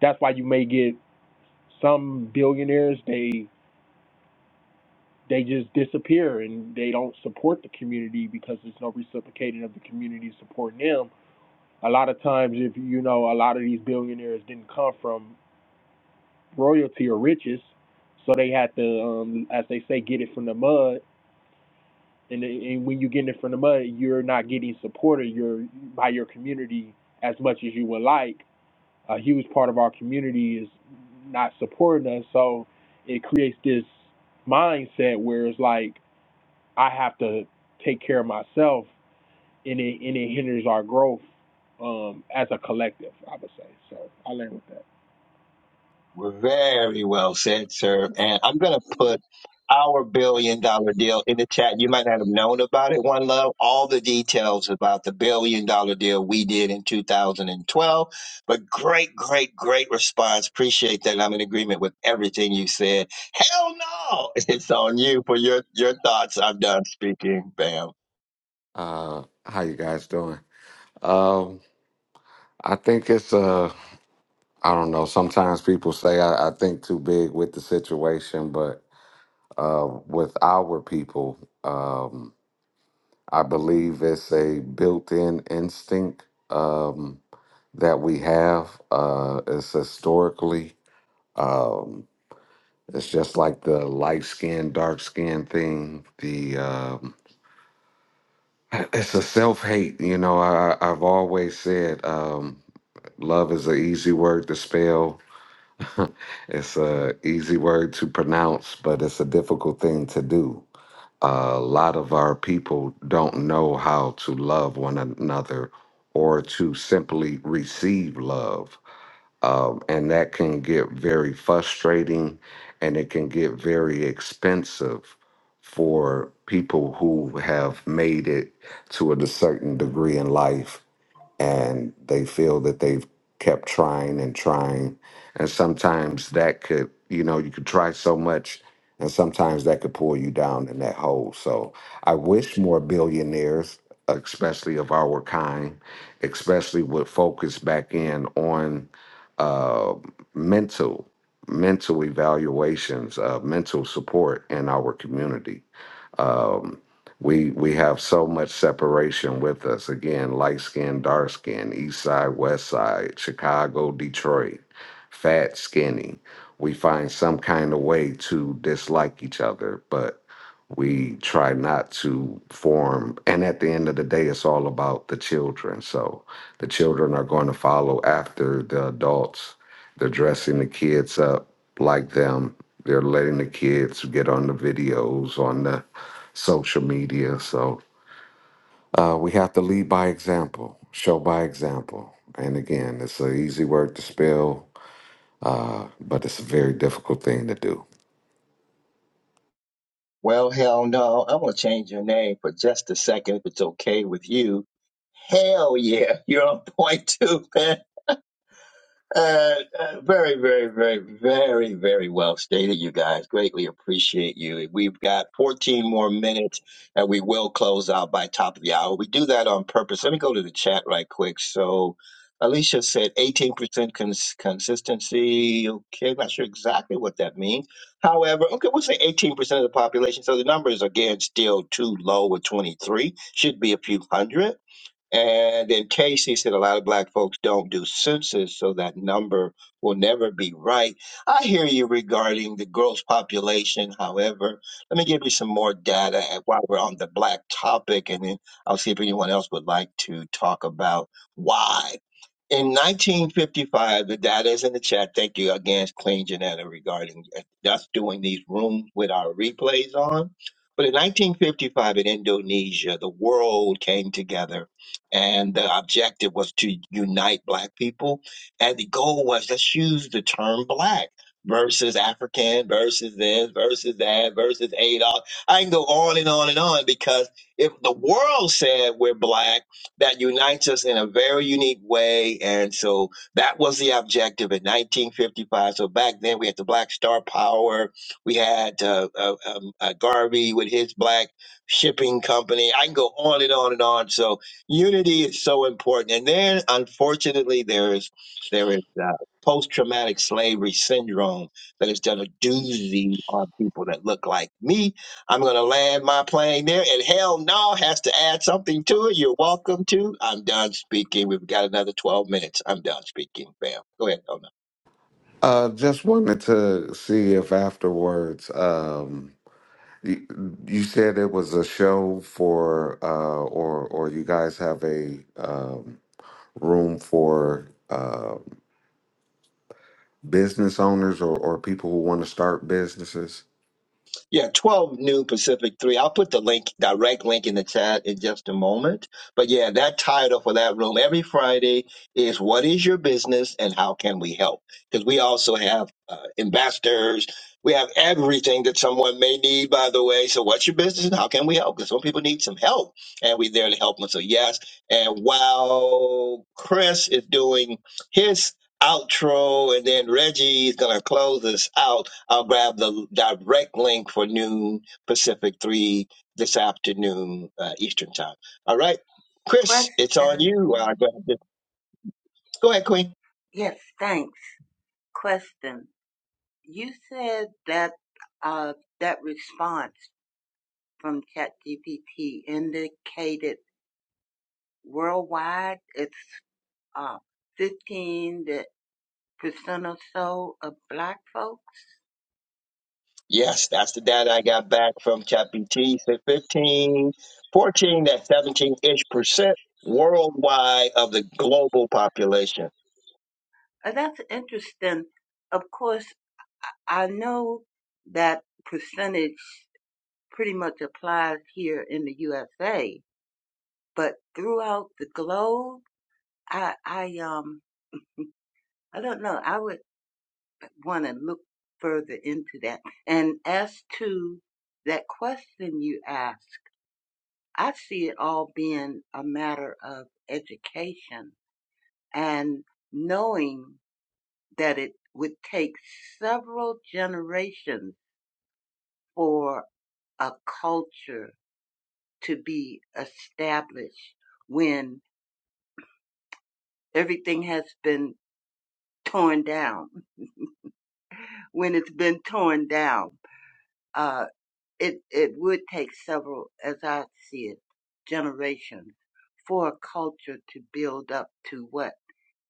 F: that's why you may get some billionaires they they just disappear and they don't support the community because there's no reciprocating of the community supporting them. A lot of times, if you know, a lot of these billionaires didn't come from royalty or riches, so they had to, um, as they say, get it from the mud And, and when you get it from the mud, you're not getting supported your by your community as much as you would like. A huge part of our community is not supporting us, so it creates this mindset where it's like I have to take care of myself, and it and it hinders our growth um, as a collective. I would say so. I learned with that.
A: Very well said, sir. And I'm going to put our billion dollar deal in the chat. You might not have known about it, One Love, all the details about the billion dollar deal we did in 2012. But great, great, great response. Appreciate that. I'm in agreement with everything you said. Hell no! <laughs> It's on you for your, your thoughts. I'm done speaking. Bam.
D: Uh, how you guys doing? Um, I think it's uh, I don't know. Sometimes people say I, I think too big with the situation, but uh, with our people, um, I believe it's a built-in instinct. Um, that we have. Uh, it's historically, um, it's just like the light skin, dark skin thing. The um, <clears throat> it's a self hate. You know, I, I've always said um, love is an easy word to spell. <laughs> it's a easy word to pronounce, but it's a difficult thing to do. A lot of our people don't know how to love one another or to simply receive love. um, and that can get very frustrating and it can get very expensive for people who have made it to a certain degree in life and they feel that they've kept trying and trying and sometimes that could you know you could try so much and sometimes that could pull you down in that hole so i wish more billionaires especially of our kind especially would focus back in on uh, mental mental evaluations uh, mental support in our community Um, we we have so much separation with us again light skin dark skin east side west side chicago detroit fat skinny we find some kind of way to dislike each other but we try not to form and at the end of the day it's all about the children so the children are going to follow after the adults they're dressing the kids up like them. They're letting the kids get on the videos, on the social media. So uh, we have to lead by example, show by example. And again, it's an easy word to spell, but it's a very difficult thing to do.
A: Well, hell no. I'm going to change your name for just a second if it's okay with you. Hell yeah, <laughs> you're on point too, man. Uh, uh, very, very, very, very, very well stated, you guys. Greatly appreciate you. We've got 14 more minutes and we will close out by top of the hour. We do that on purpose. Let me go to the chat right quick. So, Alicia said 18% cons- consistency. Okay, not sure exactly what that means. However, okay, we'll say 18% of the population. So the number is again, still too low with 23, should be a few hundred. And in case he said a lot of black folks don't do census, so that number will never be right. I hear you regarding the gross population. However, let me give you some more data and while we're on the black topic, and then I'll see if anyone else would like to talk about why. In 1955, the data is in the chat. Thank you again, Clean Janetta, regarding uh, us doing these rooms with our replays on. But in 1955, in Indonesia, the world came together, and the objective was to unite Black people. And the goal was let's use the term Black versus African versus this versus that versus Adolf. I can go on and on and on because if the world said we're Black, that unites us in a very unique way. And so that was the objective in 1955. So back then we had the Black Star Power. We had uh, uh, um, uh, Garvey with his black shipping company. I can go on and on and on. So unity is so important. And then unfortunately there is there is uh, post-traumatic slavery syndrome that has done a doozy on people that look like me I'm going to land my plane there. And hell no has to add something to it. You're welcome to. I'm done speaking. We've got another 12 minutes. I'm done speaking, fam. Go ahead. Oh,
D: Uh, just wanted to see if afterwards, um, you, you said it was a show for, uh, or or you guys have a um, room for. Uh, business owners or, or people who want to start businesses.
A: Yeah, 12 noon Pacific 3. I'll put the link, direct link in the chat in just a moment. But yeah, that title for that room every Friday is What is Your Business and How Can We Help? Because we also have uh, ambassadors. We have everything that someone may need, by the way. So, what's your business and how can we help? Because some people need some help and we're there to help them. So, yes. And while Chris is doing his outro and then Reggie is going to close us out, I'll grab the direct link for noon Pacific 3 this afternoon, uh, Eastern time. All right. Chris, it's on you.
E: Question.
A: I'll grab this. Go ahead, Queen.
E: Yes, thanks. Question. You said that uh, that response from ChatGPT indicated worldwide it's uh, 15 percent or so of black folks.
A: Yes, that's the data I got back from ChatGPT. Said 15, 14, that's 17 ish percent worldwide of the global population.
E: Uh, that's interesting. Of course, I know that percentage pretty much applies here in the USA, but throughout the globe, I, I um, I don't know. I would want to look further into that. And as to that question you asked, I see it all being a matter of education and knowing that it would take several generations for a culture to be established when everything has been torn down, when it's been torn down. uh. It it would take several, as I see it, generations for a culture to build up to what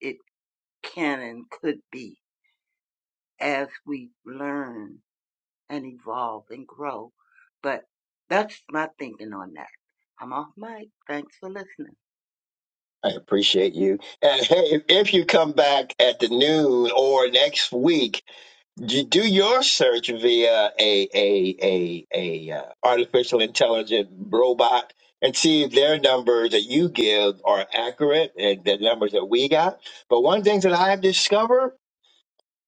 E: it can and could be as we learn and evolve and grow. But that's my thinking on that. I'm off mic. Thanks for listening.
A: I appreciate you. And hey, if you come back at the noon or next week, You do your search via a a a a uh, artificial intelligent robot and see if their numbers that you give are accurate and the numbers that we got. But one thing that I've discovered,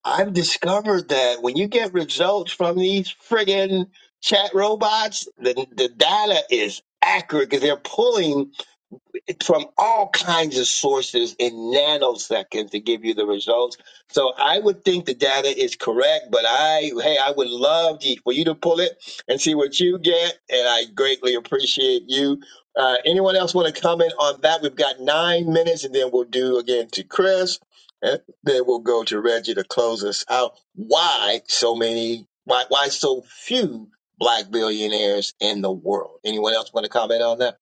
A: I've discovered that when you get results from these friggin' chat robots, the the data is accurate because they're pulling from all kinds of sources in nanoseconds to give you the results. So I would think the data is correct, but I hey, I would love to, for you to pull it and see what you get, and I greatly appreciate you. Uh, anyone else want to comment on that? We've got nine minutes, and then we'll do again to Chris, and then we'll go to Reggie to close us out. Why so many? Why why so few black billionaires in the world? Anyone else want to comment on that?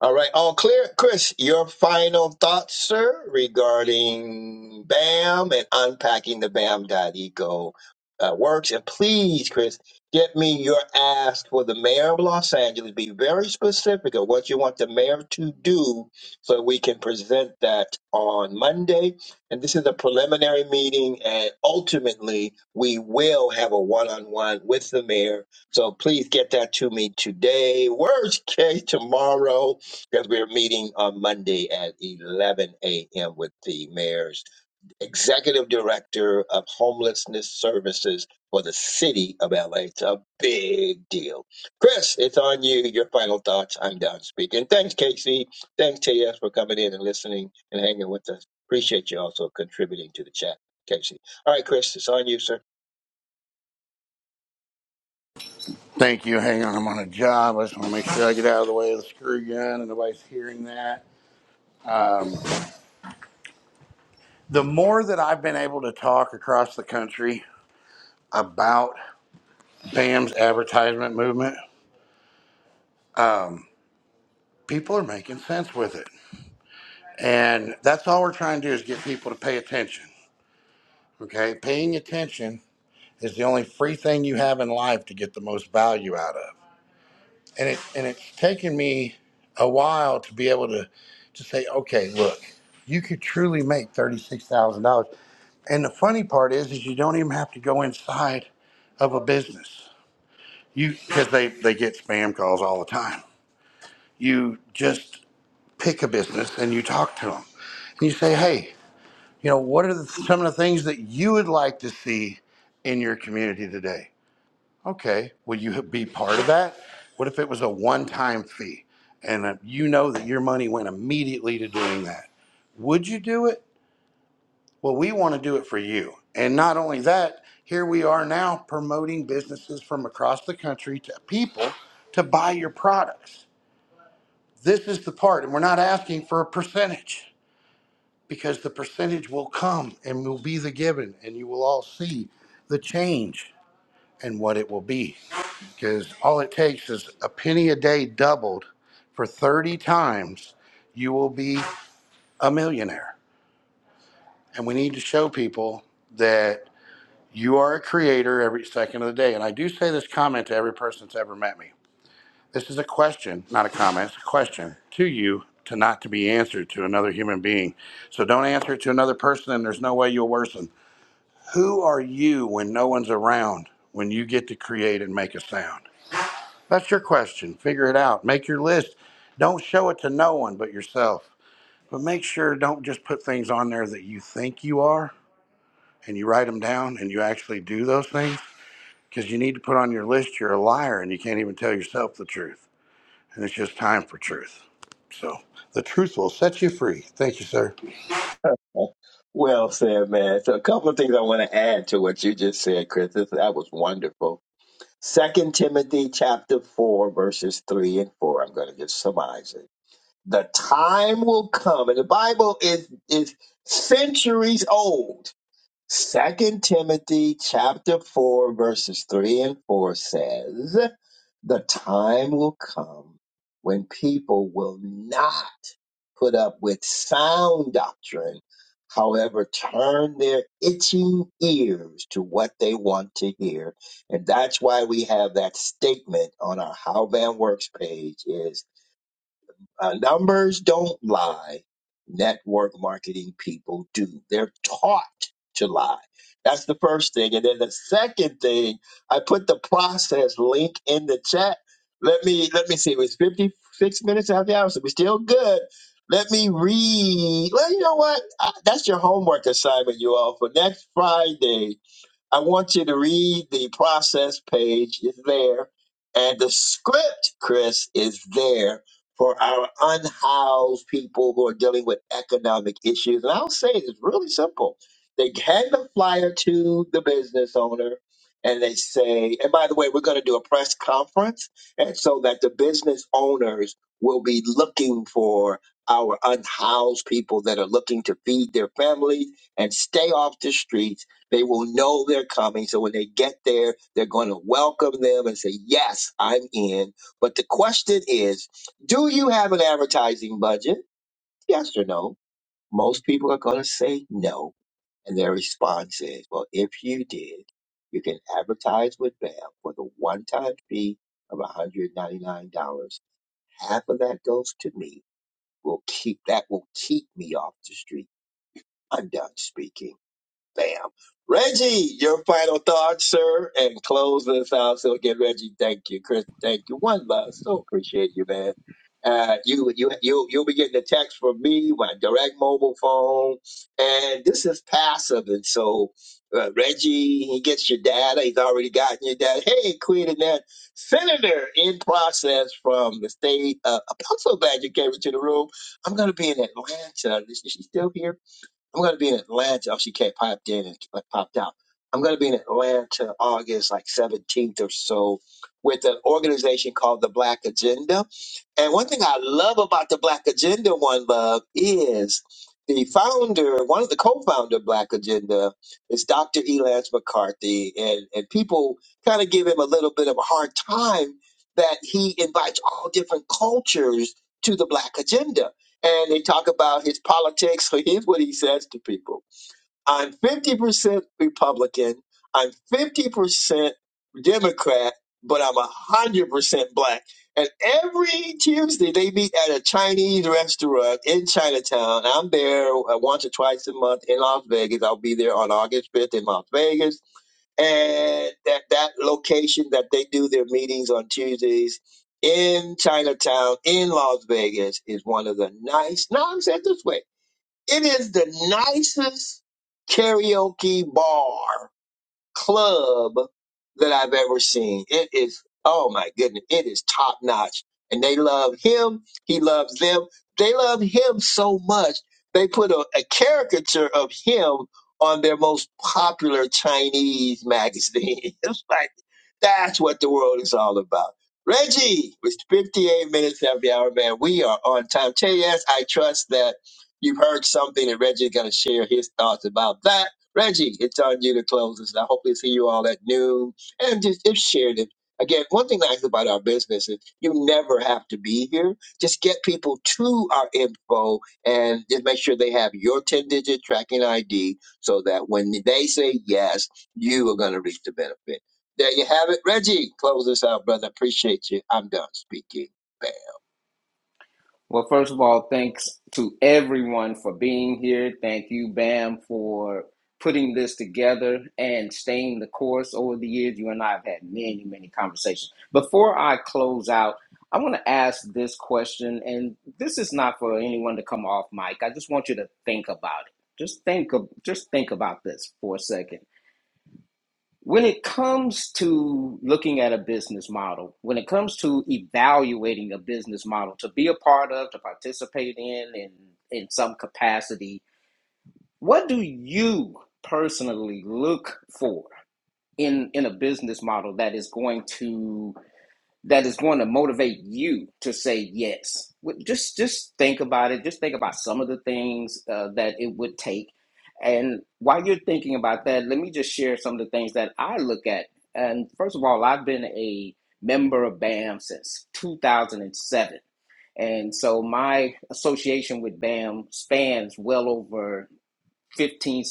A: All right, all clear. Chris, your final thoughts, sir, regarding BAM and unpacking the BAM.eco uh, works. And please, Chris, get me your ask for the mayor of Los Angeles. Be very specific of what you want the mayor to do so we can present that on Monday. And this is a preliminary meeting, and ultimately, we will have a one on one with the mayor. So please get that to me today. Worst case, tomorrow because we're meeting on Monday at 11 a.m. with the mayor's executive director of homelessness services for the city of LA. It's a big deal. Chris, it's on you. Your final thoughts. I'm done speaking. Thanks, Casey. Thanks, TS, for coming in and listening and hanging with us. Appreciate you also contributing to the chat, Casey. All right, Chris, it's on you, sir.
C: Thank you. Hang on, I'm on a job. I just want to make sure I get out of the way of the screw gun and nobody's hearing that. The more that I've been able to talk across the country about BAM's advertisement movement, people are making sense with it And that's all we're trying to do is get people to pay attention. Okay. Paying attention is the only free thing you have in life to get the most value out of. And it and it's taken me a while to be able to to say, okay, look, you could truly make thirty six thousand dollars. And the funny part is is you don't even have to go inside of a business. You because they, they get spam calls all the time. You just pick a business and you talk to them. And you say, hey, You know, what are the, some of the things that you would like to see in your community today? Okay, would you be part of that? What if it was a one-time fee and uh, you know that your money went immediately to doing that? Would you do it? Well, we want to do it for you. And not only that, here we are now promoting businesses from across the country to people to buy your products. This is the part, and we're not asking for a percentage. because the percentage will come and will be the given, and you will all see the change and what it will be. Because all it takes is a penny a day doubled for 30 times, you will be a millionaire. And we need to show people that you are a creator every second of the day. And I do say this comment to every person that's ever met me. This is a question, not a comment, it's a question to you to not to be answered to another human being. So don't answer it to another person, and there's no way you'll worsen. Who are you when no one's around, when you get to create and make a sound? That's your question. Figure it out. Make your list. Don't show it to no one but yourself. But make sure don't just put things on there that you think you are and you write them down and you actually do those things because you need to put on your list you're a liar and you can't even tell yourself the truth. And it's just time for truth. So the truth will set you free. Thank you, sir.
A: <laughs> Well said, man. So a couple of things I want to add to what you just said, Chris. This, that was wonderful Second Timothy chapter four, verses three and four. I'm going to just summarize it. The time will come, and the Bible is is centuries old. Second Timothy chapter four, verses three and four says. The time will come when people will not put up with sound doctrine, however, turn their itching ears to what they want to hear. And that's why we have that statement on our How Band Works page is uh, numbers don't lie. Network marketing people do. They're taught to lie. That's the first thing. And then the second thing, I put the process link in the chat. Let me let me see. It was 56 minutes after the hour, so we're still good. Let me read. Well, you know what? Uh that's your homework assignment, you all, for next Friday I want you to read the process page. It's there. And the script, Chris, is there for our unhoused people who are dealing with economic issues. And I'll say it's really simple. They hand the flyer to the business owner and they say, and by the way, we're going to do a press conference. And so that the business owners will be looking for our unhoused people that are looking to feed their families and stay off the streets they will know they're coming. So when they get there, they're going to welcome them and say, Yes, I'm in. But the question is Do you have an advertising budget? Yes or no? Most people are going to say no. And their response is, Well, if you did, you can advertise with BAM for the one time fee of $199. Half of that goes to me. Will keep that will keep me off the street. I'm done speaking. Bam. Reggie, your final thoughts, sir, and close this out. So again, Reggie, thank you, Chris, thank you. One love, so appreciate you, man. Uh, you you you you'll be getting a text from me, my direct mobile phone, and this is passive, and so uh, Reggie he gets your data. He's already gotten your data. Hey, Queen Annette, Senator in process from the state. Uh, I'm so glad you came into the room. I'm going to be in Atlanta. Is she still here? I'm gonna be in Atlanta. Oh, she can't popped in and like, popped out. I'm gonna be in Atlanta August like 17th or so with an organization called the Black Agenda and one thing I love about the Black Agenda One Love is the founder, one of the co-founder of Black Agenda is Dr. Elance McCarthy. And, and people kind of give him a little bit of a hard time that he invites all different cultures to the Black Agenda. And they talk about his politics. <laughs> So here's what he says to people. I'm 50% Republican. I'm 50% Democrat, but I'm 100% black. And every Tuesday they meet at a Chinese restaurant in Chinatown. I'm there uh, once or twice a month in Las Vegas. I'll be there on August 5th in Las Vegas. And that, that location that they do their meetings on Tuesdays in Chinatown in Las Vegas is one of the nice, no, I'm saying it this way it is the nicest karaoke bar club that I've ever seen. It is, oh my goodness, it is top notch. And they love him. He loves them. They love him so much. They put a, a caricature of him on their most popular Chinese magazine. <laughs> it's like, that's what the world is all about. Reggie, it's 58 minutes of the hour, man. We are on time. JS, I trust that you've heard something and Reggie's going to share his thoughts about that Reggie, it's on you to close us. I hope to see you all at noon and just, just share it. Again, one thing nice about our business is you never have to be here. Just get people to our info and just make sure they have your 10 digit tracking ID so that when they say yes, you are going to reap the benefit. There you have it. Reggie, close us out, brother. Appreciate you. I'm done speaking. Bam.
B: Well, first of all, thanks to everyone for being here. Thank you, Bam, for putting this together and staying the course over the years. You and I have had many, many conversations. Before I close out, I want to ask this question, and this is not for anyone to come off mic. I just want you to think about it. Just think of just think about this for a second. When it comes to looking at a business model, when it comes to evaluating a business model to be a part of, to participate in, in, in some capacity, what do you personally look for in, in a business model that is going to that is going to motivate you to say yes. Just just think about it. Just think about some of the things uh, that it would take. And while you're thinking about that, let me just share some of the things that I look at. And first of all, I've been a member of BAM since 2007. And so my association with BAM spans well over 15,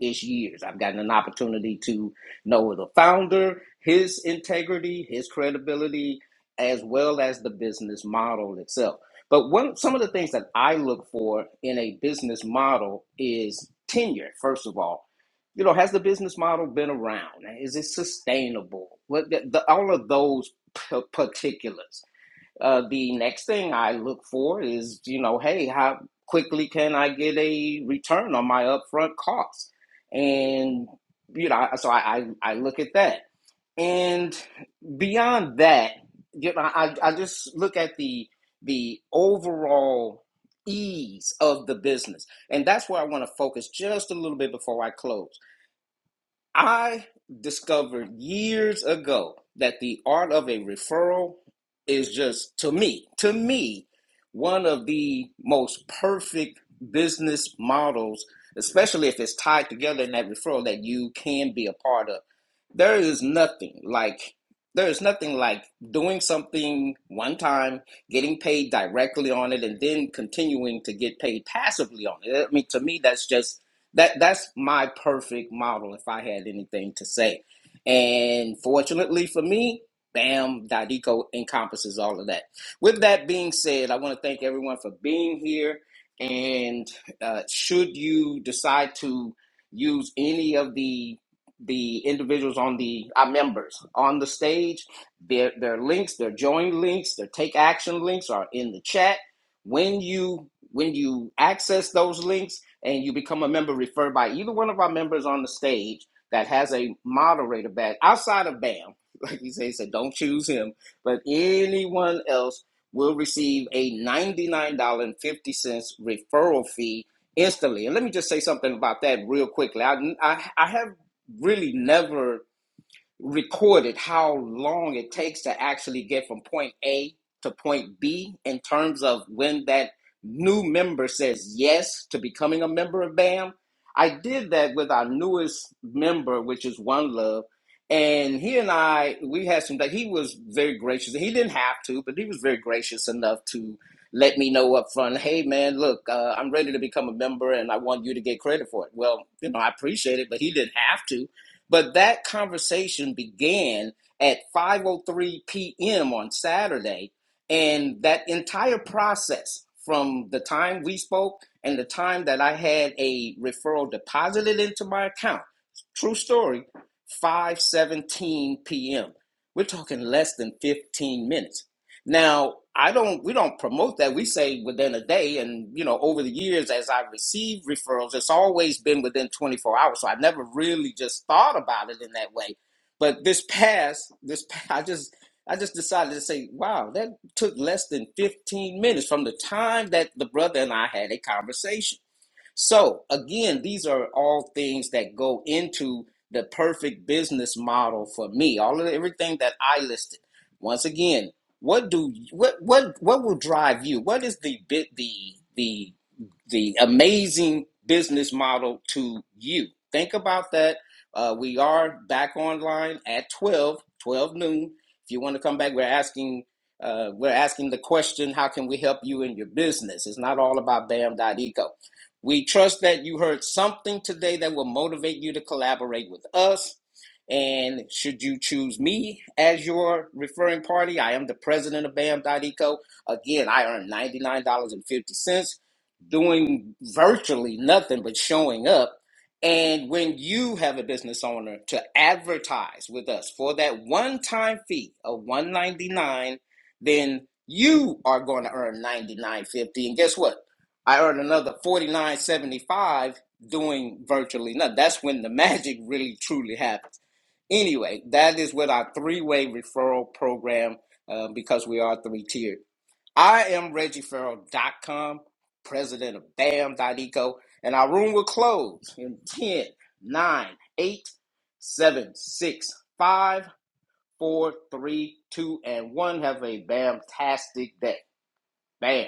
B: ish years. I've gotten an opportunity to know the founder, his integrity, his credibility, as well as the business model itself. But one, some of the things that I look for in a business model is tenure, first of all. You know, has the business model been around? Is it sustainable? What the, the, all of those p- particulars uh, the next thing I look for is, you know, hey, how quickly can I get a return on my upfront costs? And, you know, so I, I, I look at that. And beyond that, you know, I, I just look at the the overall ease of the business. And that's where I want to focus just a little bit before I close I discovered years ago that the art of a referral is just, to me, to me, one of the most perfect business models, especially if it's tied together in that referral that you can be a part of. There is nothing like there is nothing like doing something one time, getting paid directly on it, and then continuing to get paid passively on it. I mean, to me, that's just that that's my perfect model if I had anything to say. And fortunately for me, bam, Dadico encompasses all of that. With that being said, I want to thank everyone for being here. And uh, should you decide to use any of the the individuals on the our members on the stage, their their links, their join links, their take action links are in the chat. When you when you access those links and you become a member referred by either one of our members on the stage that has a moderator badge outside of BAM. <laughs> Like you say, he said don't choose him, but anyone else will receive a $99.50 referral fee instantly. And let me just say something about that real quickly. I, I, I have really never recorded how long it takes to actually get from point A to point B in terms of when that new member says yes to becoming a member of BAM. I did that with our newest member, which is One Love. And he and I, we had some he was very gracious. He didn't have to, but he was very gracious enough to let me know up front, hey man, look, uh, I'm ready to become a member and I want you to get credit for it. Well, you know, I appreciate it, but he didn't have to but that conversation began at 5:03 p.m. on Saturday, and that entire process from the time we spoke and the time that I had a referral deposited into my account, true story, 5:17 p.m. We're talking less than 15 minutes. Now, I don't we don't promote that. We say within a day and you know, over the years as I receive referrals, it's always been within 24 hours. So I never really just thought about it in that way. But this past this pa- I just I just decided to say, wow, that took less than 15 minutes from the time that the brother and I had a conversation. So, again, these are all things that go into the perfect business model for me. All of everything that I listed. Once again, what do what what what will drive you? What is the bit the the the amazing business model to you? Think about that. Uh, we are back online at 12, noon. If you want to come back, we're asking uh, we're asking the question, how can we help you in your business? It's not all about Bam dot Eco. We trust that you heard something today that will motivate you to collaborate with us. And should you choose me as your referring party, I am the president of Bam Eco. Again, I earn $99.50 doing virtually nothing but showing up. And when you have a business owner to advertise with us for that one time fee of 199 then you are going to earn ninety nine fifty. And guess what? I earned another forty nine seventy five doing virtually nothing. That's when the magic really truly happens. Anyway, that is with our three way referral program uh, because we are three tiered. I am Reggie Farrell dot com president of BAM.eco, and our room will close in 10, 9, 8, 7, 6, 5, 4, 3, 2, and 1. Have a BAM-tastic day. BAM.